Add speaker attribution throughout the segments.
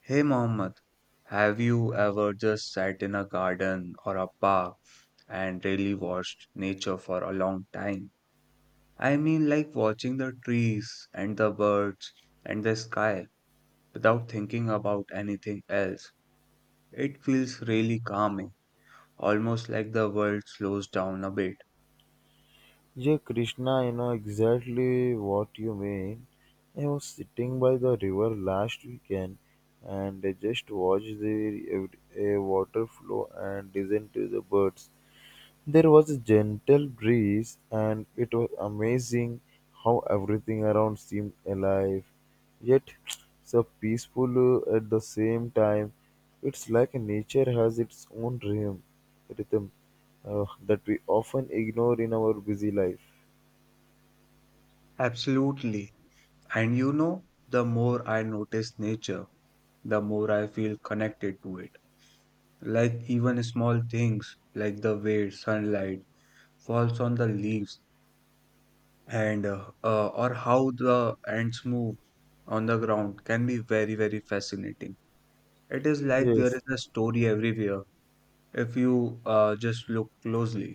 Speaker 1: Hey Mohammed, have you ever just sat in a garden or a park and really watched nature for a long time? I mean, like watching the trees and the birds and the sky without thinking about anything else. It feels really calming, almost like the world slows down a bit.
Speaker 2: Yeah, Krishna, I know exactly what you mean. I was sitting by the river last weekend and I just watched the ev- a water flow and listened to the birds. There was a gentle breeze and it was amazing how everything around seemed alive, yet so peaceful at the same time. It's like nature has its own rhythm, that we often ignore in our busy life.
Speaker 1: Absolutely. And you know, the more I notice nature, the more I feel connected to it. Like even small things like the way sunlight falls on the leaves and or how the ants move on the ground can be very very fascinating. It is like there
Speaker 2: Yes,
Speaker 1: is a story everywhere if you just look closely.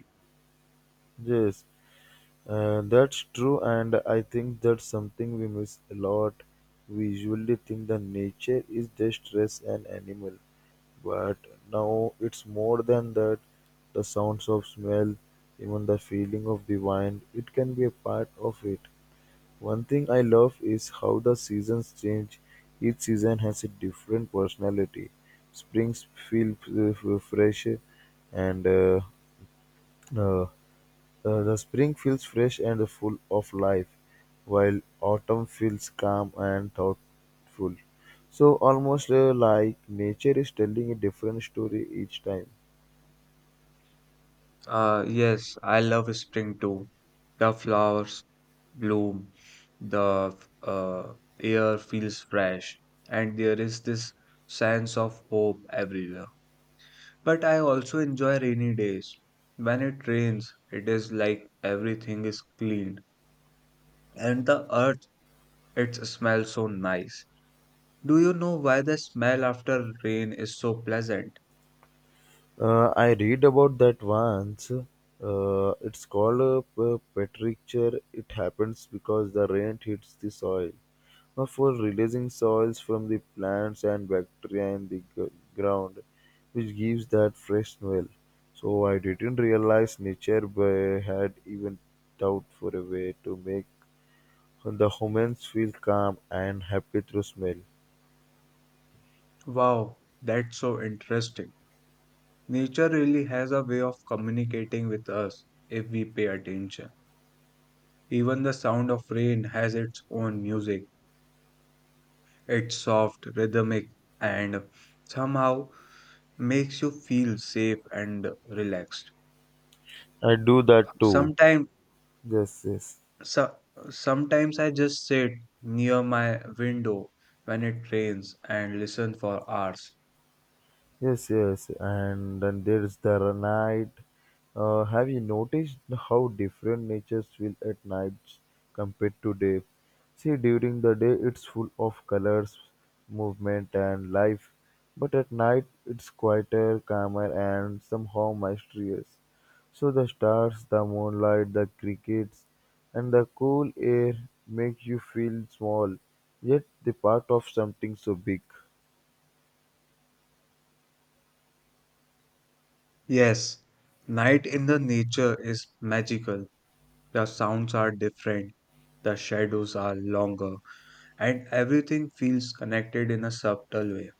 Speaker 2: yes, that's true, and I think that's something we miss a lot. We usually think that nature is just stress and animal, but now it's more than that. The sounds of smell, even the feeling of the wind, it can be a part of it. One thing I love is how the seasons change. Each season has a different personality. Springs feel f- f- fresh and uh, the spring feels fresh and full of life, while autumn feels calm and thoughtful. So, almost like nature is telling a different story each time.
Speaker 1: Yes, I love spring too. The flowers bloom, the uh, air feels fresh, and there is this sense of hope everywhere. But I also enjoy rainy days. When it rains, it is like everything is clean and the earth, it smells so nice. Do you know why the smell after rain is so pleasant?
Speaker 2: I read about that once. It's called a petricture. It happens because the rain hits the soil for releasing soils from the plants and bacteria in the ground, which gives that fresh smell. So I didn't realize nature had even thought for a way to make the humans feel calm and happy through smell.
Speaker 1: Wow, that's so interesting. Nature really has a way of communicating with us if we pay attention. Even the sound of rain has its own music. It's soft, rhythmic, and somehow makes you feel safe and relaxed.
Speaker 2: I do that too.
Speaker 1: Sometimes
Speaker 2: Yes, yes.
Speaker 1: So Sometimes I just sit near my window when it rains and listen for hours.
Speaker 2: Yes, yes, and then there's the night. Have you noticed how different natures feel at nights compared to day? See, during the day it's full of colors, movement, and life, but at night it's quieter, calmer, and somehow mysterious. So the stars, the moonlight, the crickets, and the cool air make you feel small, yet the part of something so big.
Speaker 1: Yes, night in the nature is magical. The sounds are different, the shadows are longer, and everything feels connected in a subtle way.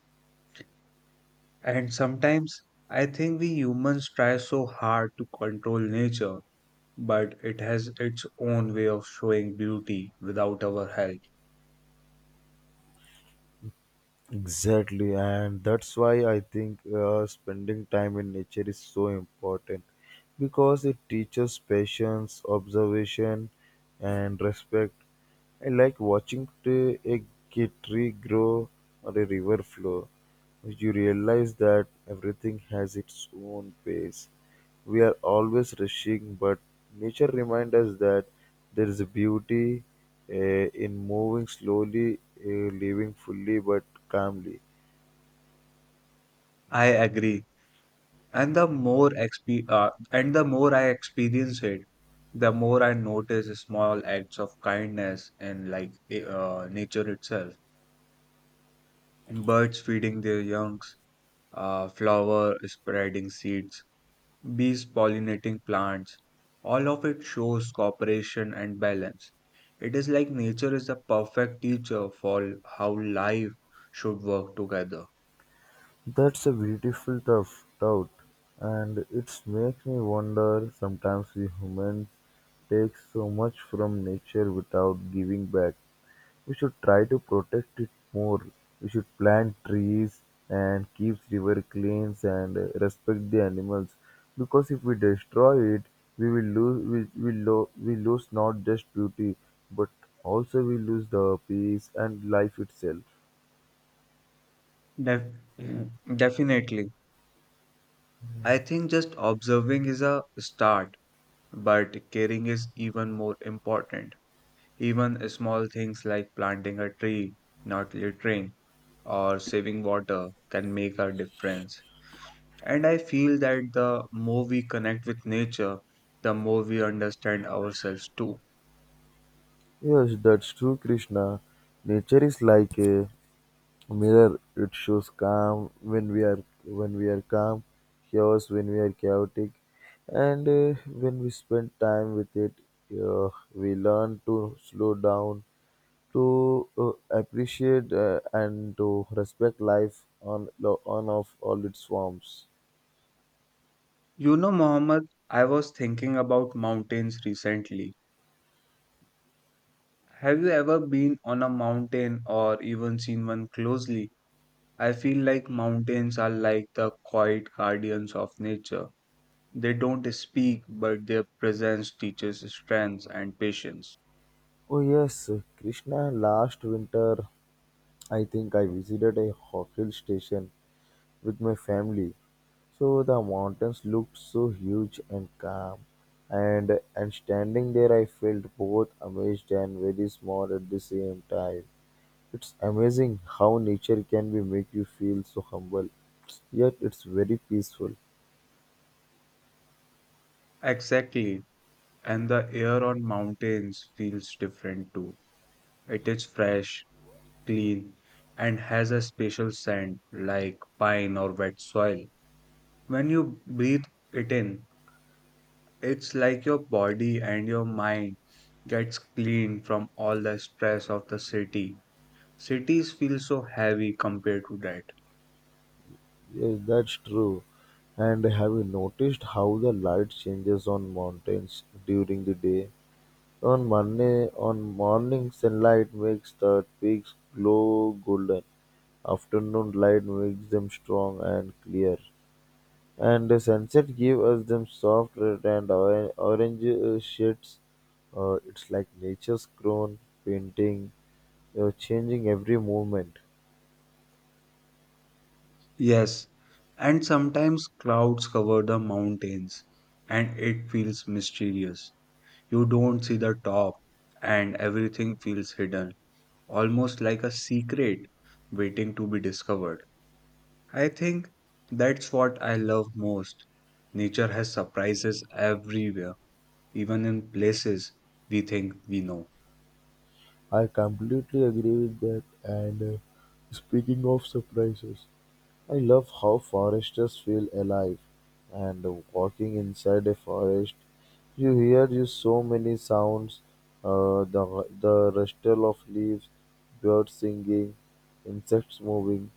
Speaker 1: And sometimes I think we humans try so hard to control nature, but it has its own way of showing beauty without our help.
Speaker 2: Exactly, and that's why I think spending time in nature is so important because it teaches patience, observation, and respect. I like watching a tree grow or a river flow. You realize that everything has its own pace. We are always rushing, but nature reminds us that there is a beauty in moving slowly, uh, living fully but calmly.
Speaker 1: I agree. And the more I experience it, the more I notice small acts of kindness in nature itself. Birds feeding their youngs, flower spreading seeds, bees pollinating plants. All of it shows cooperation and balance. It is like nature is the perfect teacher for how life should work together.
Speaker 2: That's a beautiful tough thought, and it makes me wonder sometimes we humans take so much from nature without giving back. We should try to protect it more, we should plant trees and keep river clean and respect the animals because if we destroy it we will lose we lose not just beauty but also we lose the peace and life itself.
Speaker 1: Def- Mm. Definitely. I think just observing is a start, but caring is even more important. Even small things like planting a tree, not littering, or saving water can make a difference. And I feel that the more we connect with nature, the more we understand ourselves too.
Speaker 2: Yes, that's true, Krishna. Nature is like a mirror, it shows calm when we are calm, chaos when we are chaotic, and when we spend time with it, we learn to slow down, to appreciate and to respect life on of all its forms.
Speaker 1: You know, Mohammed, I was thinking about mountains recently. Have you ever been on a mountain or even seen one closely? I feel like mountains are like the quiet guardians of nature. They don't speak, but their presence teaches strength and patience.
Speaker 2: Oh yes, Krishna. Last winter, I think I visited a hill station with my family. So the mountains looked so huge and calm, and standing there, I felt both amazed and very small at the same time. It's amazing how nature can be make you feel so humble, yet it's very peaceful.
Speaker 1: Exactly. And the air on mountains feels different too. It is fresh, clean, and has a special scent like pine or wet soil. When you breathe it in, it's like your body and your mind gets clean from all the stress of the city. Cities feel so heavy compared to that.
Speaker 2: Yes, that's true. And have you noticed how the light changes on mountains during the day? On Monday, on morning sunlight makes the twigs glow golden. Afternoon light makes them strong and clear. And the sunset gives us them soft red and orange shades. It's like nature's crown painting, changing every moment.
Speaker 1: Yes, and sometimes clouds cover the mountains and it feels mysterious. You don't see the top and everything feels hidden, almost like a secret waiting to be discovered. I think that's what I love most. Nature has surprises everywhere, even in places we think we know.
Speaker 2: I completely agree with that. And speaking of surprises, I love how foresters feel alive, and walking inside a forest, you hear you so many sounds, the rustle of leaves, birds singing, insects moving.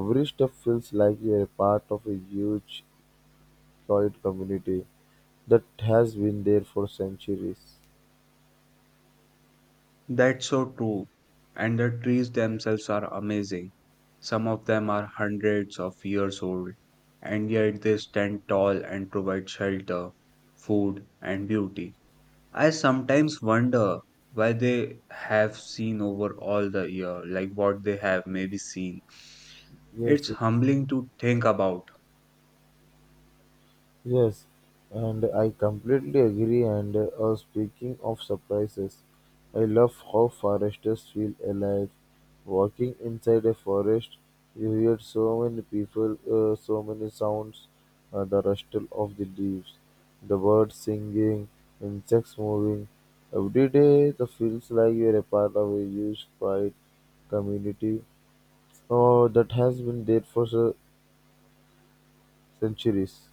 Speaker 2: Every step feels like you're a part of a huge, quiet community that has been there for centuries.
Speaker 1: That's so true. And the trees themselves are amazing. Some of them are hundreds of years old, and yet they stand tall and provide shelter, food, and beauty. I sometimes wonder why they have seen over all the year, like what they have maybe seen.
Speaker 2: Yes,
Speaker 1: It's humbling to think about.
Speaker 2: yes, and I completely agree. And speaking of surprises, I love how foresters feel alive. Walking inside a forest, you hear so many people, so many sounds, the rustle of the leaves, the birds singing, insects moving. Every day, it feels like you're a part of a huge, quiet community oh, that has been there for centuries.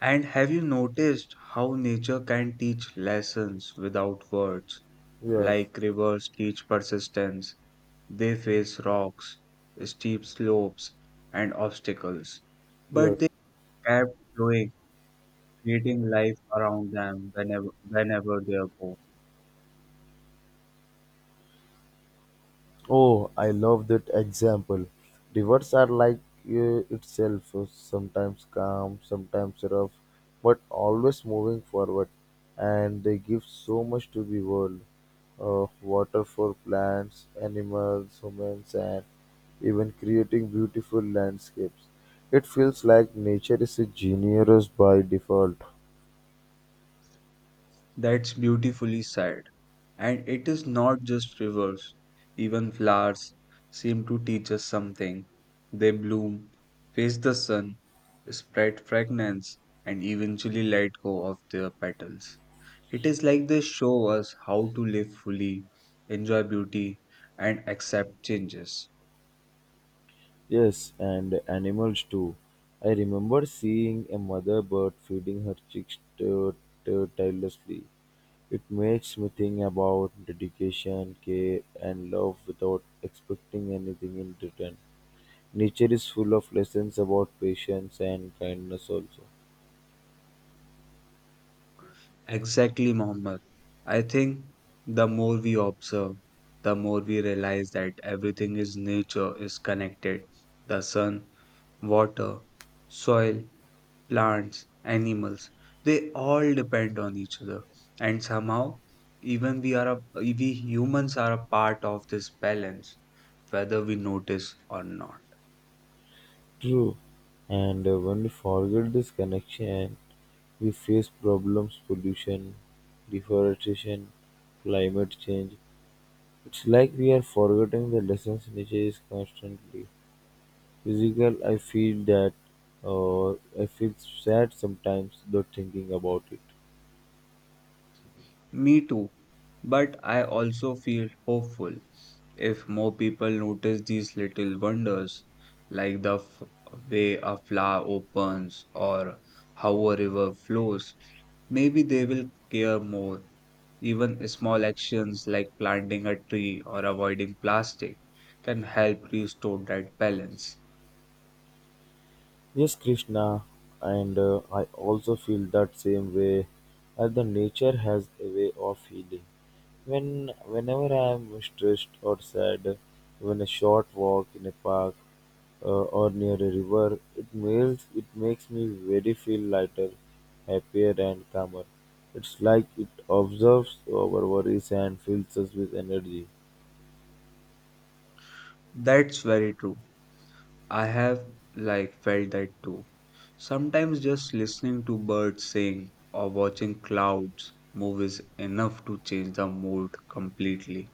Speaker 1: And have you noticed how nature can teach lessons without words,
Speaker 2: Yes,
Speaker 1: like rivers teach persistence? They faced rocks, steep slopes, and obstacles, but
Speaker 2: yes.
Speaker 1: they kept flowing, creating life around them whenever they go.
Speaker 2: Oh, I love that example. Rivers are like itself, sometimes calm, sometimes rough, but always moving forward, and they give so much to the world. Water for plants, animals, humans, and even creating beautiful landscapes. It feels like nature is a generous by default.
Speaker 1: That's beautifully said. And it is not just rivers, even flowers seem to teach us something. They bloom, face the sun, spread fragrance, and eventually let go of their petals. It is like they show us how to live fully, enjoy beauty, and accept changes.
Speaker 2: Yes, and animals too. I remember seeing a mother bird feeding her chicks to tirelessly. It makes me think about dedication, care, and love without expecting anything in return. Nature is full of lessons about patience and kindness, also.
Speaker 1: Exactly, Mohammed. I think the more we observe, the more we realize that everything is nature is connected. The sun, water, soil, plants, animals, they all depend on each other. And somehow, even we humans are a part of this balance, whether we notice or not.
Speaker 2: True. And when we forget this connection, we face problems pollution, deforestation, climate change. It's like we're forgetting the lessons nature is constantly physical. I feel that, uh, I feel sad sometimes though thinking about it.
Speaker 1: Me too, but I also feel hopeful. If more people notice these little wonders, like way a flower opens or how a river flows, maybe they will care more. Even small actions like planting a tree or avoiding plastic can help restore that balance.
Speaker 2: Yes, Krishna, and I also feel that same way. As the nature has a way of healing. Whenever I am stressed or sad, even a short walk in a park uh, or near a river, it makes me very feel lighter, happier, and calmer. It's like it observes our worries and fills us with energy.
Speaker 1: That's very true. I have like felt that too. Sometimes just listening to birds sing or watching clouds move is enough to change the mood completely.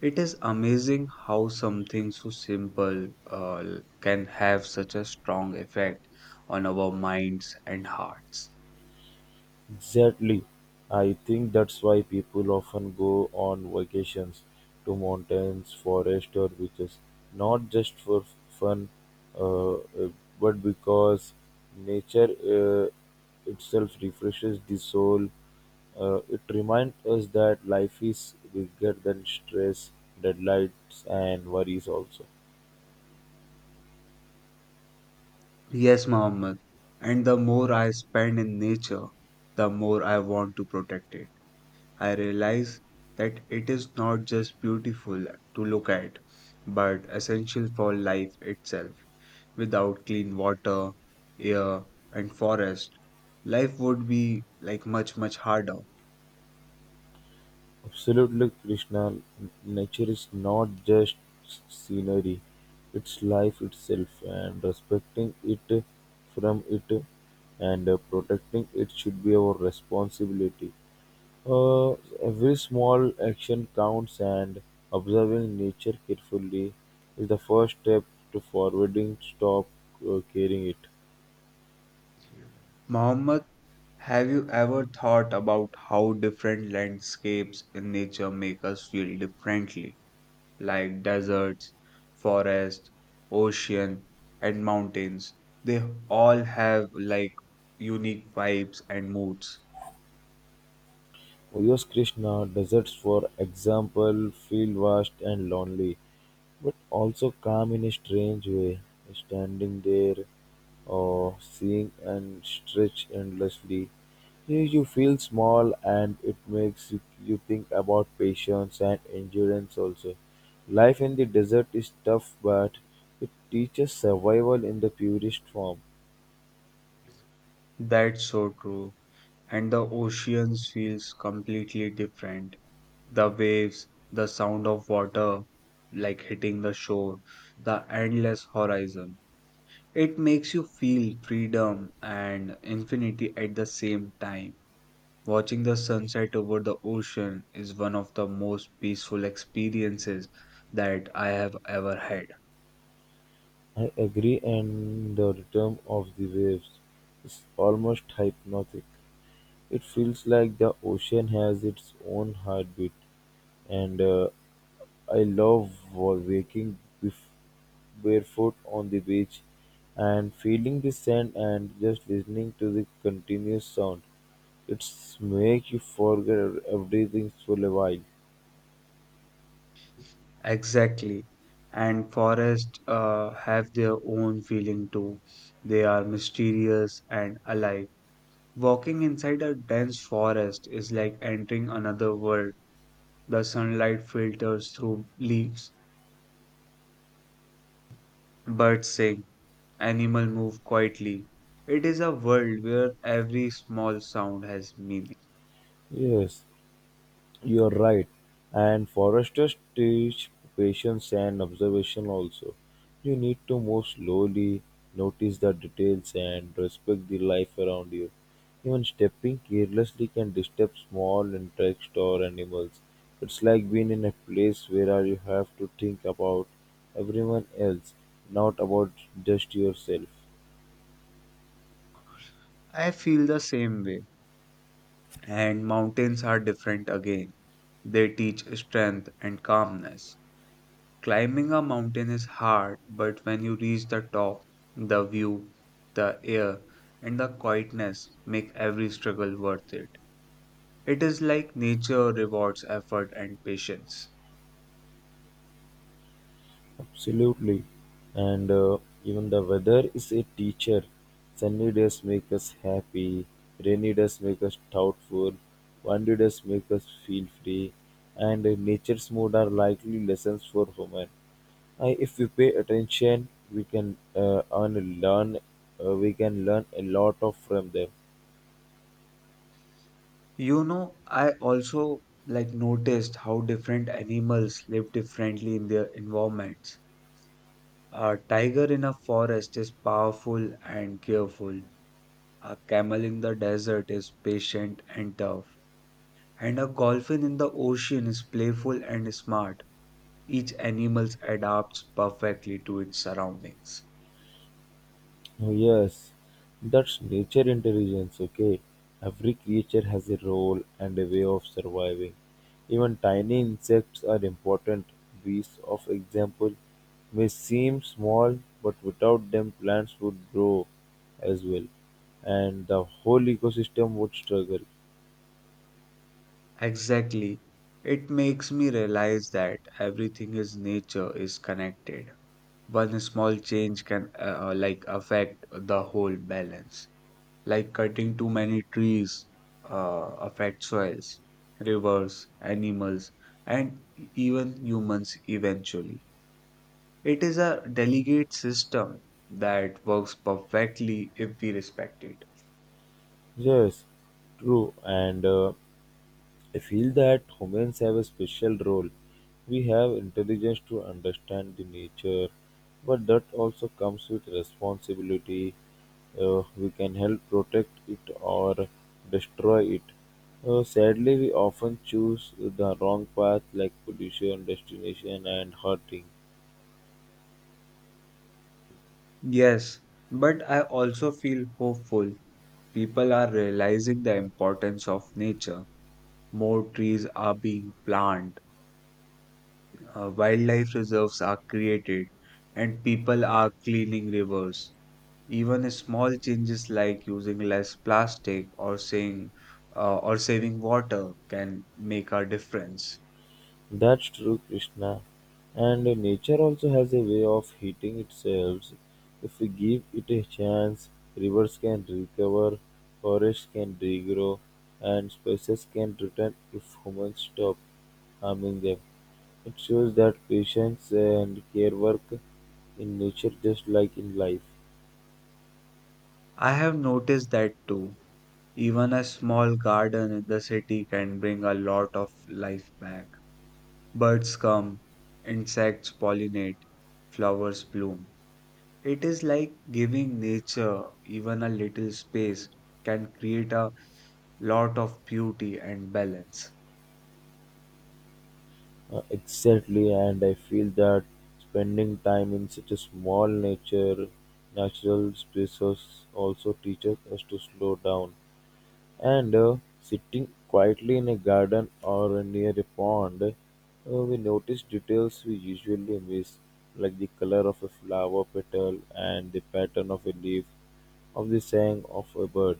Speaker 1: It is amazing how something so simple can have such a strong effect on our minds and hearts.
Speaker 2: Exactly. I think that's why people often go on vacations to mountains, forests, or beaches, not just for fun, uh, uh, but because nature uh, itself refreshes the soul. It reminds us that life is bigger than stress, deadlines, and worries, also.
Speaker 1: Yes, Mohammed. And the more I spend in nature, the more I want to protect it. I realize that it is not just beautiful to look at, but essential for life itself. Without clean water, air, and forest, life would be like much, much harder.
Speaker 2: Absolutely, Krishna, nature is not just scenery, it's life itself and respecting it from it and protecting it should be our responsibility. Uh, every small action counts and observing nature carefully is the first step to forwarding stop caring it.
Speaker 1: Mohammed, have you ever thought about how different landscapes in nature make us feel differently? Like deserts, forest, ocean, and mountains. They all have like unique vibes and moods.
Speaker 2: Yes, Krishna, deserts for example feel vast and lonely but also calm in a strange way, standing there or seeing and stretch endlessly. You feel small and it makes you think about patience and endurance also. Life in the desert is tough, but it teaches survival in the purest form.
Speaker 1: That's so true. And the oceans feels completely different. The waves, the sound of water like hitting the shore, the endless horizon. It makes you feel freedom and infinity at the same time. Watching the sunset over the ocean is one of the most peaceful experiences that I have ever had.
Speaker 2: I agree, and the rhythm of the waves is almost hypnotic. It feels like the ocean has its own heartbeat, and I love waking bef- barefoot on the beach and feeling the sand and just listening to the continuous sound. It's make you forget everything for a while.
Speaker 1: Exactly. And forests have their own feeling too. They are mysterious and alive. Walking inside a dense forest is like entering another world. The sunlight filters through leaves, birds sing, animals move quietly. It is a world where every small sound has meaning.
Speaker 2: Yes. You're right. And foresters teach patience and observation also. You need to move slowly, notice the details, and respect the life around you. Even stepping carelessly can disturb small insects or animals. It's like being in a place where you have to think about everyone else, not about just yourself.
Speaker 1: I feel the same way. And mountains are different again. They teach strength and calmness. Climbing a mountain is hard, but when you reach the top, the view, the air, and the quietness make every struggle worth it. It is like nature rewards effort and patience.
Speaker 2: Absolutely. And even the weather is a teacher. Sunny days make us happy, rainy days make us doubtful, windy days make us feel free, and nature's mood are likely lessons for human. If we pay attention, we can learn. We can learn a lot of from them.
Speaker 1: You know, I also like noticed how different animals live differently in their environments. A tiger in a forest is powerful and careful. A camel in the desert is patient and tough, and a dolphin in the ocean is playful and smart. Each animal adapts perfectly to its surroundings.
Speaker 2: Oh, yes, that's nature intelligence, okay? Every creature has a role and a way of surviving. Even tiny insects are important. Bees, of example, may seem small, but without them, plants would grow as well, and the whole ecosystem would struggle.
Speaker 1: Exactly. It makes me realize that everything in nature is connected. One small change can affect the whole balance. Like cutting too many trees affects soils, rivers, animals, and even humans eventually. It is a delegate system that works perfectly if we respect it.
Speaker 2: Yes, true. And I feel that humans have a special role. We have intelligence to understand the nature, but that also comes with responsibility. We can help protect it or destroy it. Sadly, we often choose the wrong path like pollution, destination, and hurting.
Speaker 1: Yes, but I also feel hopeful. People are realizing the importance of nature. More trees are being planted, wildlife reserves are created, and people are cleaning rivers. Even small changes like using less plastic or saying or saving water can make a difference.
Speaker 2: That's true, Krishna. And nature also has a way of heating itself. If we give it a chance, rivers can recover, forests can regrow, and species can return if humans stop harming them. It shows that patience and care work in nature just like in life.
Speaker 1: I have noticed that too. Even a small garden in the city can bring a lot of life back. Birds come, insects pollinate, flowers bloom. It is like giving nature even a little space can create a lot of beauty and balance.
Speaker 2: Exactly, and I feel that spending time in such natural spaces also teaches us to slow down. And sitting quietly in a garden or near a pond, we notice details we usually miss, like the color of a flower petal and the pattern of a leaf, of the song of a bird.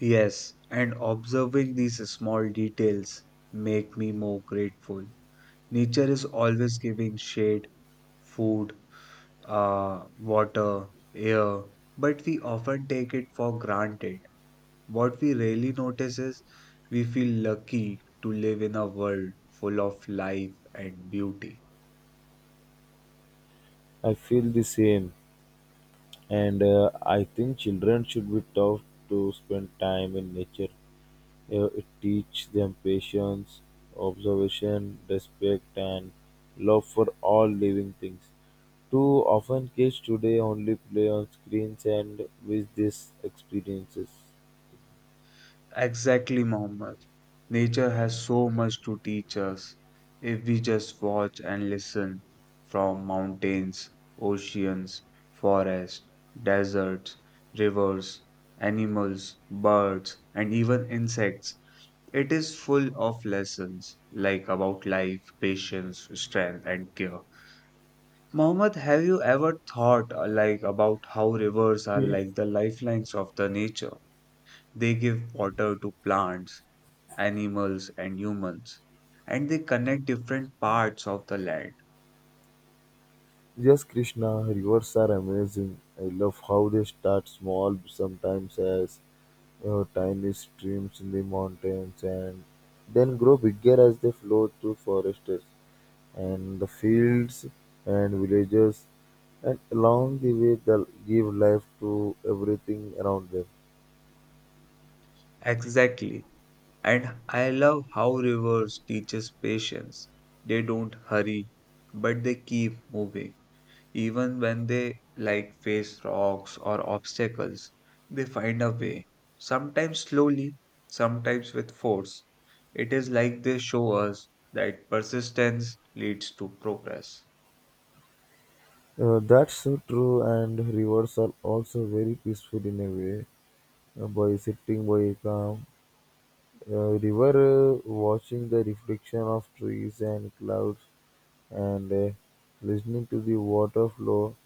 Speaker 1: Yes, and observing these small details make me more grateful. Nature is always giving shade, food, water, air, but we often take it for granted. What we rarely notice is we feel lucky to live in a world full of life and beauty.
Speaker 2: I feel the same, and I think children should be taught to spend time in nature. It teaches them patience, observation, respect, and love for all living things. Too often, kids today only play on screens and miss these experiences.
Speaker 1: Exactly, Mohammed. Nature has so much to teach us if we just watch and listen, from mountains, oceans, forests, deserts, rivers, animals, birds, and even insects. It is full of lessons like about life, patience, strength, and care. Mohammed, have you ever thought about how rivers are like the lifelines of the nature? They give water to plants, animals, and humans, and they connect different parts of the land.
Speaker 2: Yes, Krishna, rivers are amazing. I love how they start small, sometimes as tiny streams in the mountains, and then grow bigger as they flow through forests and the fields and villages, and along the way, they give life to everything around them.
Speaker 1: Exactly. And I love how rivers teaches patience. They don't hurry, but they keep moving. Even when they like face rocks or obstacles, they find a way. Sometimes slowly, sometimes with force. It is like they show us that persistence leads to progress.
Speaker 2: That's so true, and rivers are also very peaceful in a way. By sitting by a calm river, watching the reflection of trees and clouds, and listening to the water flow.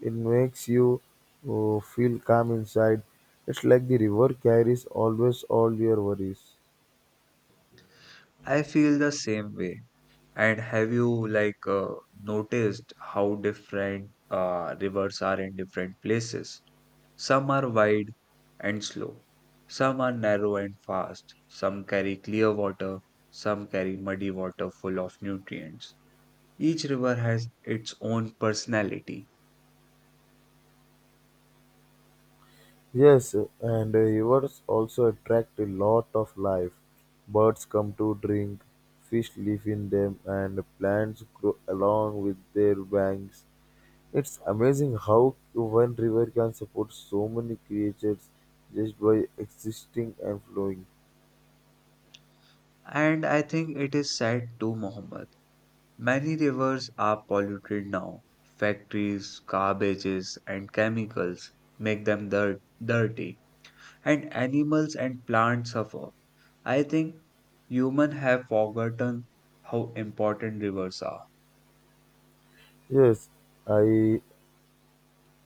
Speaker 2: It makes you feel calm inside. It's like the river carries always all your worries.
Speaker 1: I feel the same way. And have you noticed how different rivers are in different places? Some are wide and slow. Some are narrow and fast. Some carry clear water. Some carry muddy water full of nutrients. Each river has its own personality.
Speaker 2: Yes, and rivers also attract a lot of life. Birds come to drink, fish live in them, and plants grow along with their banks. It's amazing how one river can support so many creatures just by existing and flowing.
Speaker 1: And I think it is sad too, Muhammad. Many rivers are polluted now. Factories, garbages, and chemicals make them dirty, and animals and plants suffer. I think humans have forgotten how important rivers are.
Speaker 2: Yes, I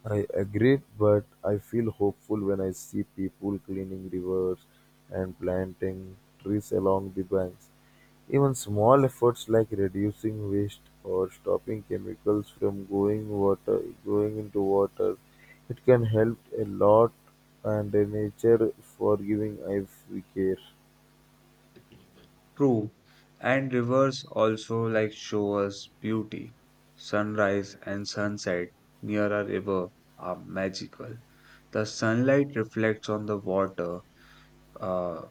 Speaker 2: I agree, but I feel hopeful when I see people cleaning rivers and planting trees along the banks. Even small efforts like reducing waste or stopping chemicals from going water going into water, it can help a lot and the nature forgiving if we care.
Speaker 1: True, and rivers also like show us beauty. Sunrise and sunset near a river are magical. The sunlight reflects on the water, uh,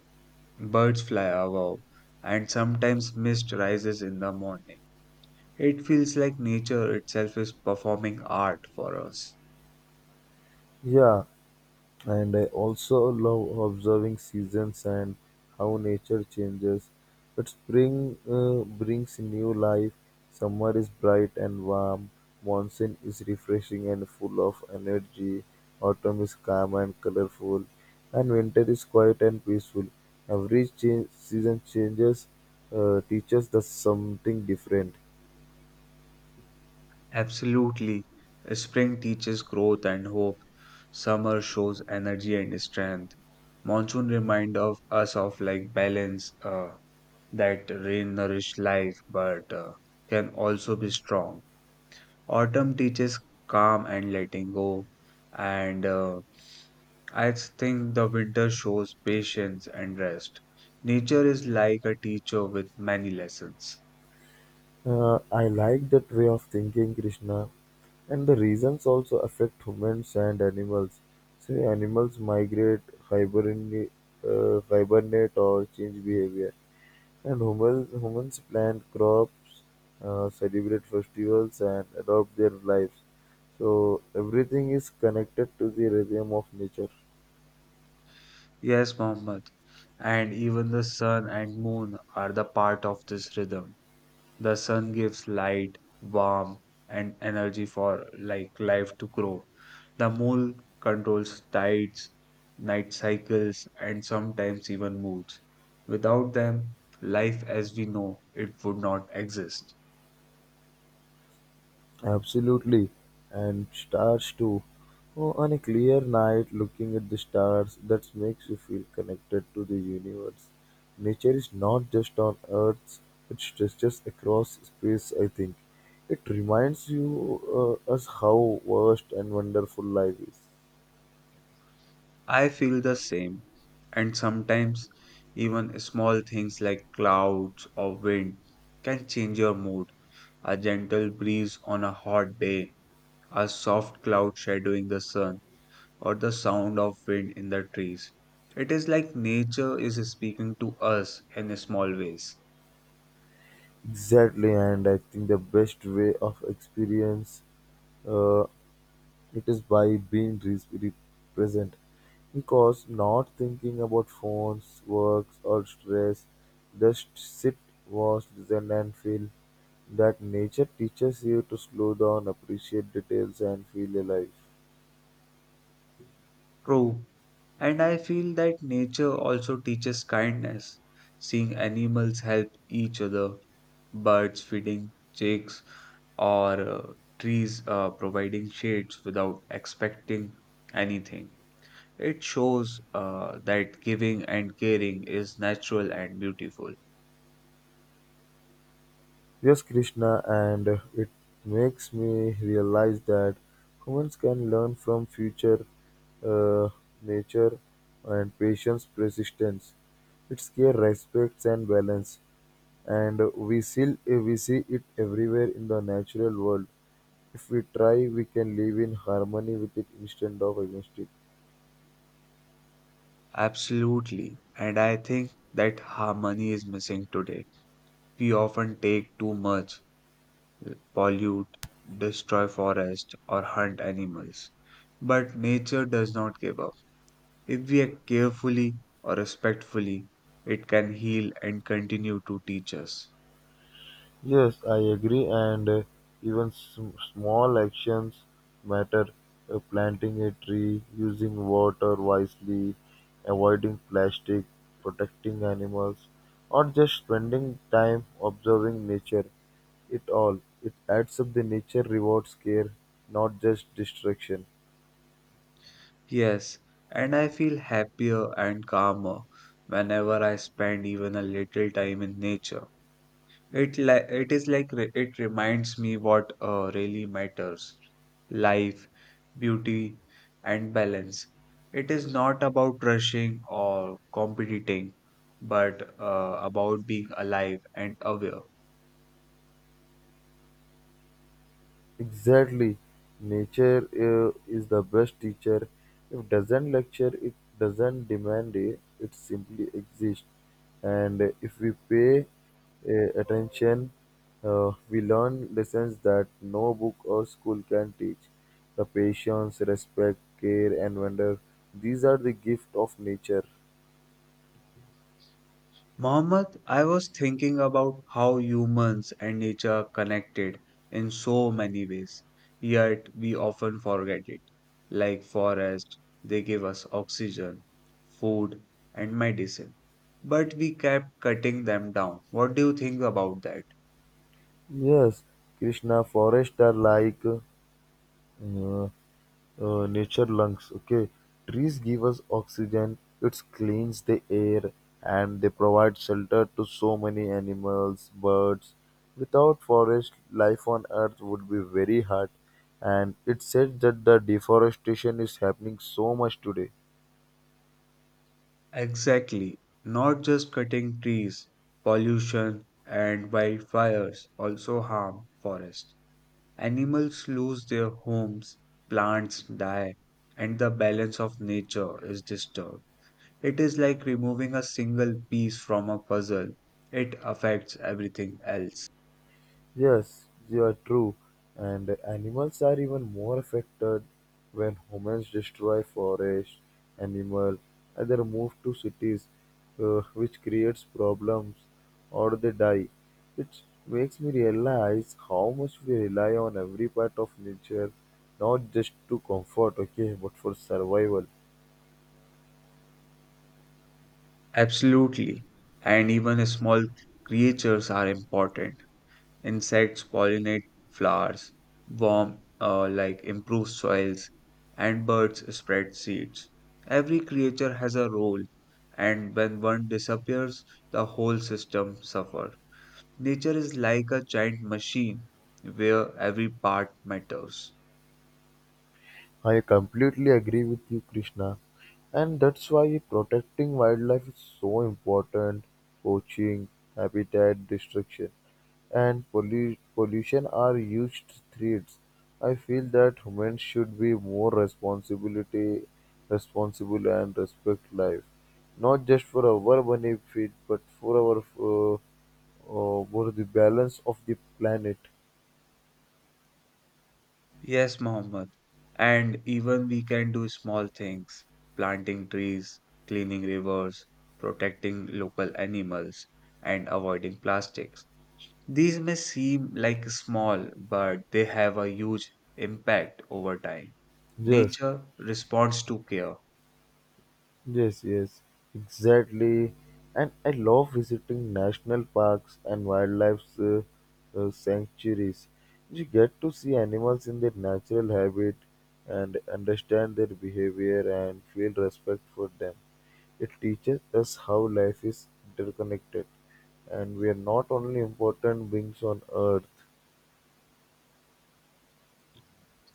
Speaker 1: birds fly above, and sometimes mist rises in the morning. It feels like nature itself is performing art for us.
Speaker 2: Yeah, and I also love observing seasons and how nature changes. But spring brings new life. Summer is bright and warm. Monsoon is refreshing and full of energy. Autumn is calm and colorful. And winter is quiet and peaceful. Every change, season changes teaches us something different.
Speaker 1: Absolutely. Spring teaches growth and hope. Summer shows energy and strength. Monsoon reminds of us of like balance, that rain nourishes life but can also be strong. Autumn teaches calm and letting go, and I think the winter shows patience and rest. Nature is like a teacher with many lessons.
Speaker 2: I like that way of thinking, Krishna. And the reasons also affect humans and animals. See, animals migrate, hibernate, hibernate or change behavior. And humans plant crops, celebrate festivals, and adopt their lives. So everything is connected to the rhythm of nature.
Speaker 1: Yes, Mohammed. And even the sun and moon are the part of this rhythm. The sun gives light, warmth, and energy for like life to grow. The moon controls tides, night cycles, and sometimes even moods. Without them, life as we know it would not exist.
Speaker 2: Absolutely, and stars too. Oh, on a clear night, looking at the stars, that makes you feel connected to the universe. Nature is not just on Earth; it stretches across space. I think it reminds you us how vast and wonderful life is.
Speaker 1: I feel the same, and sometimes even small things like clouds or wind can change your mood. A gentle breeze on a hot day, a soft cloud shadowing the sun, or the sound of wind in the trees. It is like nature is speaking to us in small ways.
Speaker 2: Exactly, and I think the best way of experience uh, it is by being reasonably present, because not thinking about phones, work, or stress, just sit, watch, listen, and feel. That nature teaches you to slow down, appreciate details, and feel alive.
Speaker 1: True. And I feel that nature also teaches kindness. Seeing animals help each other, birds feeding chicks, or trees providing shades without expecting anything. It shows that giving and caring is natural and beautiful.
Speaker 2: Yes, Krishna, and it makes me realize that humans can learn from future uh, nature and patience, persistence. It's care, respect, and balance. And we still we see it everywhere in the natural world. If we try, we can live in harmony with it instead of against it.
Speaker 1: Absolutely. And I think that harmony is missing today. We often take too much, pollute, destroy forest, or hunt animals. But nature does not give up. If we act carefully or respectfully, it can heal and continue to teach us.
Speaker 2: Yes, I agree, and even small actions matter. Planting a tree, using water wisely, avoiding plastic, protecting animals, or just spending time observing nature. It all it adds up. The nature rewards care, not just destruction.
Speaker 1: Yes, and I feel happier and calmer whenever I spend even a little time in nature. It is like it reminds me what really matters. Life, beauty, and balance. It is not about rushing or competing, but about being alive and aware.
Speaker 2: Exactly. Nature is the best teacher. It doesn't lecture, it doesn't demand, it simply exists. And if we pay attention, we learn lessons that no book or school can teach. The patience, respect, care, and wonder. These are the gift of nature.
Speaker 1: Mohammed, I was thinking about how humans and nature are connected in so many ways, yet we often forget it. Like forests, they give us oxygen, food, and medicine, but we kept cutting them down. What do you think about that?
Speaker 2: Yes, Krishna, forests are like uh, nature lungs. Okay, trees give us oxygen, it cleans the air, and they provide shelter to so many animals, birds. Without forest, life on earth would be very hard, and it said that the deforestation is happening so much today.
Speaker 1: Exactly, not just cutting trees, pollution and wildfires also harm forests. Animals lose their homes, plants die, and the balance of nature is disturbed. It is like removing a single piece from a puzzle, it affects everything else.
Speaker 2: Yes, you are true. And animals are even more affected when humans destroy forests, animals, either move to cities, which creates problems, or they die, which makes me realize how much we rely on every part of nature, not just to comfort, okay, but for survival.
Speaker 1: Absolutely. And even small creatures are important. Insects pollinate flowers, worm like improve soils, and birds spread seeds. Every creature has a role, and when one disappears, the whole system suffers. Nature is like a giant machine where every part matters.
Speaker 2: I completely agree with you, Krishna, and that's why protecting wildlife is so important. Poaching, habitat destruction, and pollution are huge threats. I feel that humans should be more responsibility, responsible and respect life, not just for our benefit, but for our uh, for the balance of the planet.
Speaker 1: Yes, Mohammed. And even we can do small things planting trees, cleaning rivers, protecting local animals, and avoiding plastics. These may seem like small, but they have a huge impact over time.
Speaker 2: Yes,
Speaker 1: Nature responds to care.
Speaker 2: yes, yes, exactly. And I love visiting national parks and wildlife sanctuaries. You get to see animals in their natural habitat and understand their behavior and feel respect for them. It teaches us how life is interconnected and we are not only important beings on earth.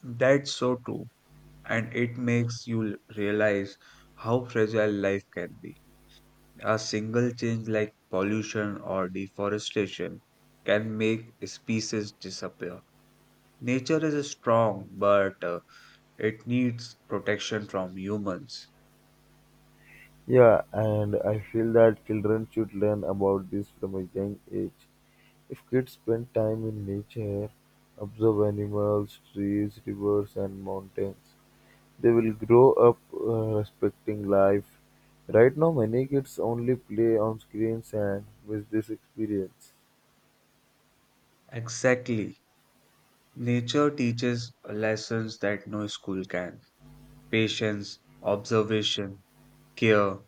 Speaker 1: That's so true. And it makes you realize how fragile life can be. A single change like pollution or deforestation can make species disappear. Nature is strong, but it needs protection from humans.
Speaker 2: Yeah, and I feel that children should learn about this from a young age. If kids spend time in nature, observe animals, trees, rivers, and mountains, they will grow up respecting life. Right now, many kids only play on screens and miss this experience.
Speaker 1: Exactly. Nature teaches lessons that no school can patience, observation, care,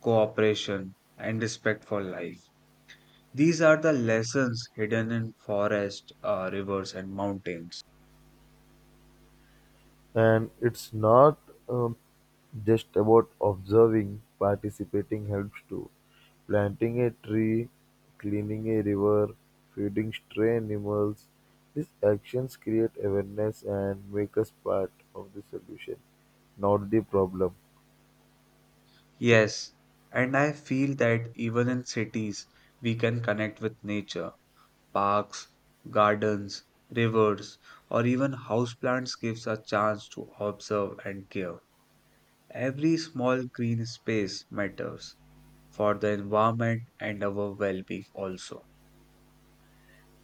Speaker 1: cooperation, and respect for life. These are the lessons hidden in forests, rivers, and mountains.
Speaker 2: And it's not um, just about observing, participating helps too. Planting a tree, cleaning a river, feeding stray animals. These actions create awareness and make us part of the solution, not the problem.
Speaker 1: Yes, and I feel that even in cities, we can connect with nature. Parks, gardens, rivers, or even houseplants gives a chance to observe and care. Every small green space matters for the environment and our well-being also.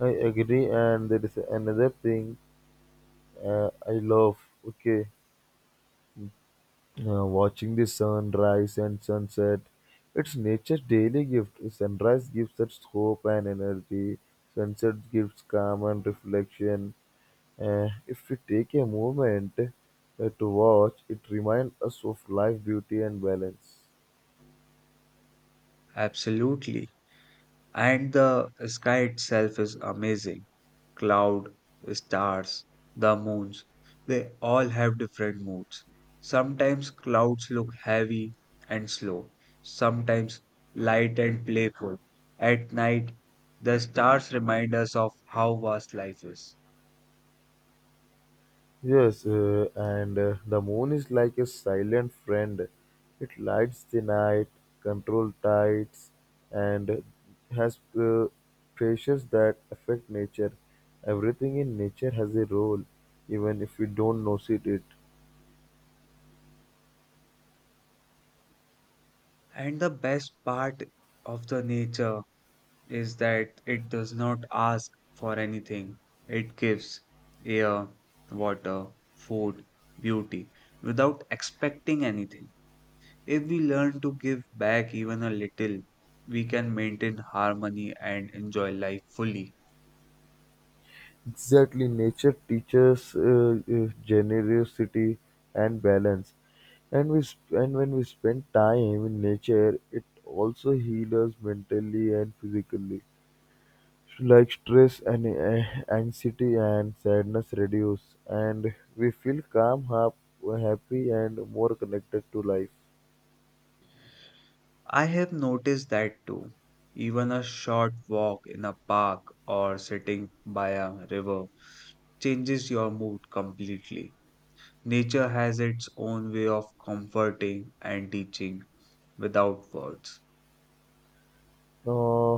Speaker 2: I agree, and there is another thing I love. Okay. Watching the sunrise and sunset, it's nature's daily gift. Sunrise gives us hope and energy, sunset gives calm and reflection. If we take a moment to watch, it reminds us of life, beauty, and balance.
Speaker 1: Absolutely. And the sky itself is amazing cloud, stars, the moons, they all have different moods. Sometimes clouds look heavy and slow, sometimes light and playful. At night, the stars remind us of how vast life is.
Speaker 2: Yes, and the moon is like a silent friend. It lights the night, controls tides, and has pressures that affect nature. Everything in nature has a role, even if we don't notice it.
Speaker 1: And the best part of the nature is that it does not ask for anything. It gives air, water, food, beauty without expecting anything. If we learn to give back even a little, we can maintain harmony and enjoy life fully.
Speaker 2: Exactly, nature teaches generosity and balance. And when we spend time in nature, it also heals us mentally and physically. Like stress and anxiety and sadness reduce, and we feel calm, happy and more connected to life.
Speaker 1: I have noticed that too. Even a short walk in a park or sitting by a river changes your mood completely. Nature has its own way of comforting and teaching without words.
Speaker 2: uh,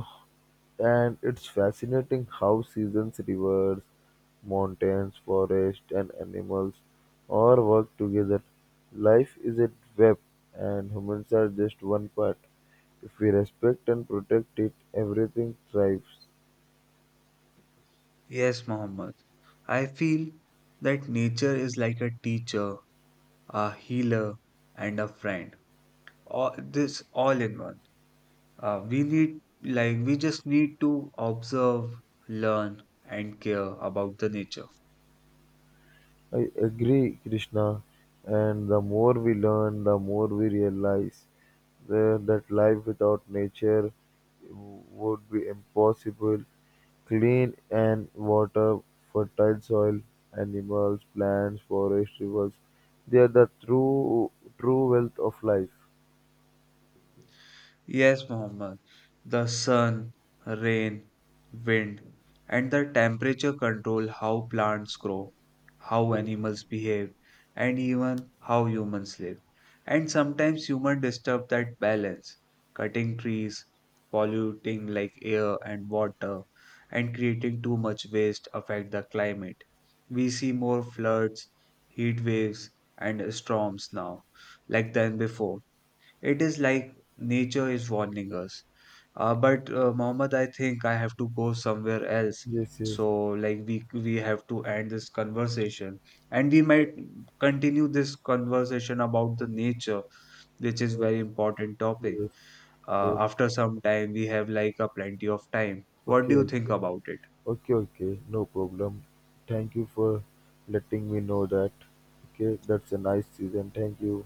Speaker 2: and it's fascinating how seasons, rivers, mountains, forests, and animals all work together. Life is a web and humans are just one part. If we respect and protect it, everything thrives.
Speaker 1: Yes, Mohammed. I feel that nature is like a teacher, a healer, and a friend. All this all in one. We need, like, we just need to observe, learn, and care about the nature.
Speaker 2: I agree, Krishna. And the more we learn, the more we realize that life without nature would be impossible. Clean and water, fertile soil, animals, plants, forests, rivers. They are the true wealth of life.
Speaker 1: Yes, Mohammed. The sun, rain, wind, and the temperature control how plants grow, how animals behave, and even how humans live. And sometimes humans disturb that balance, cutting trees, polluting like air and water, and creating too much waste affect the climate. We see more floods, heat waves, and storms now, like than before it is like nature is warning us. But Mohammed, I think I have to go somewhere else.
Speaker 2: Yes, yes,
Speaker 1: So like we have to end this conversation, and we might continue this conversation about the nature, which is
Speaker 2: yes,
Speaker 1: very important topic.
Speaker 2: yes. Yes.
Speaker 1: After some time, we have like a plenty of time. What do
Speaker 2: Okay,
Speaker 1: you think
Speaker 2: okay.
Speaker 1: about it?
Speaker 2: Okay, okay, no problem. Thank you for letting me know that. Okay, that's a nice season. Thank you.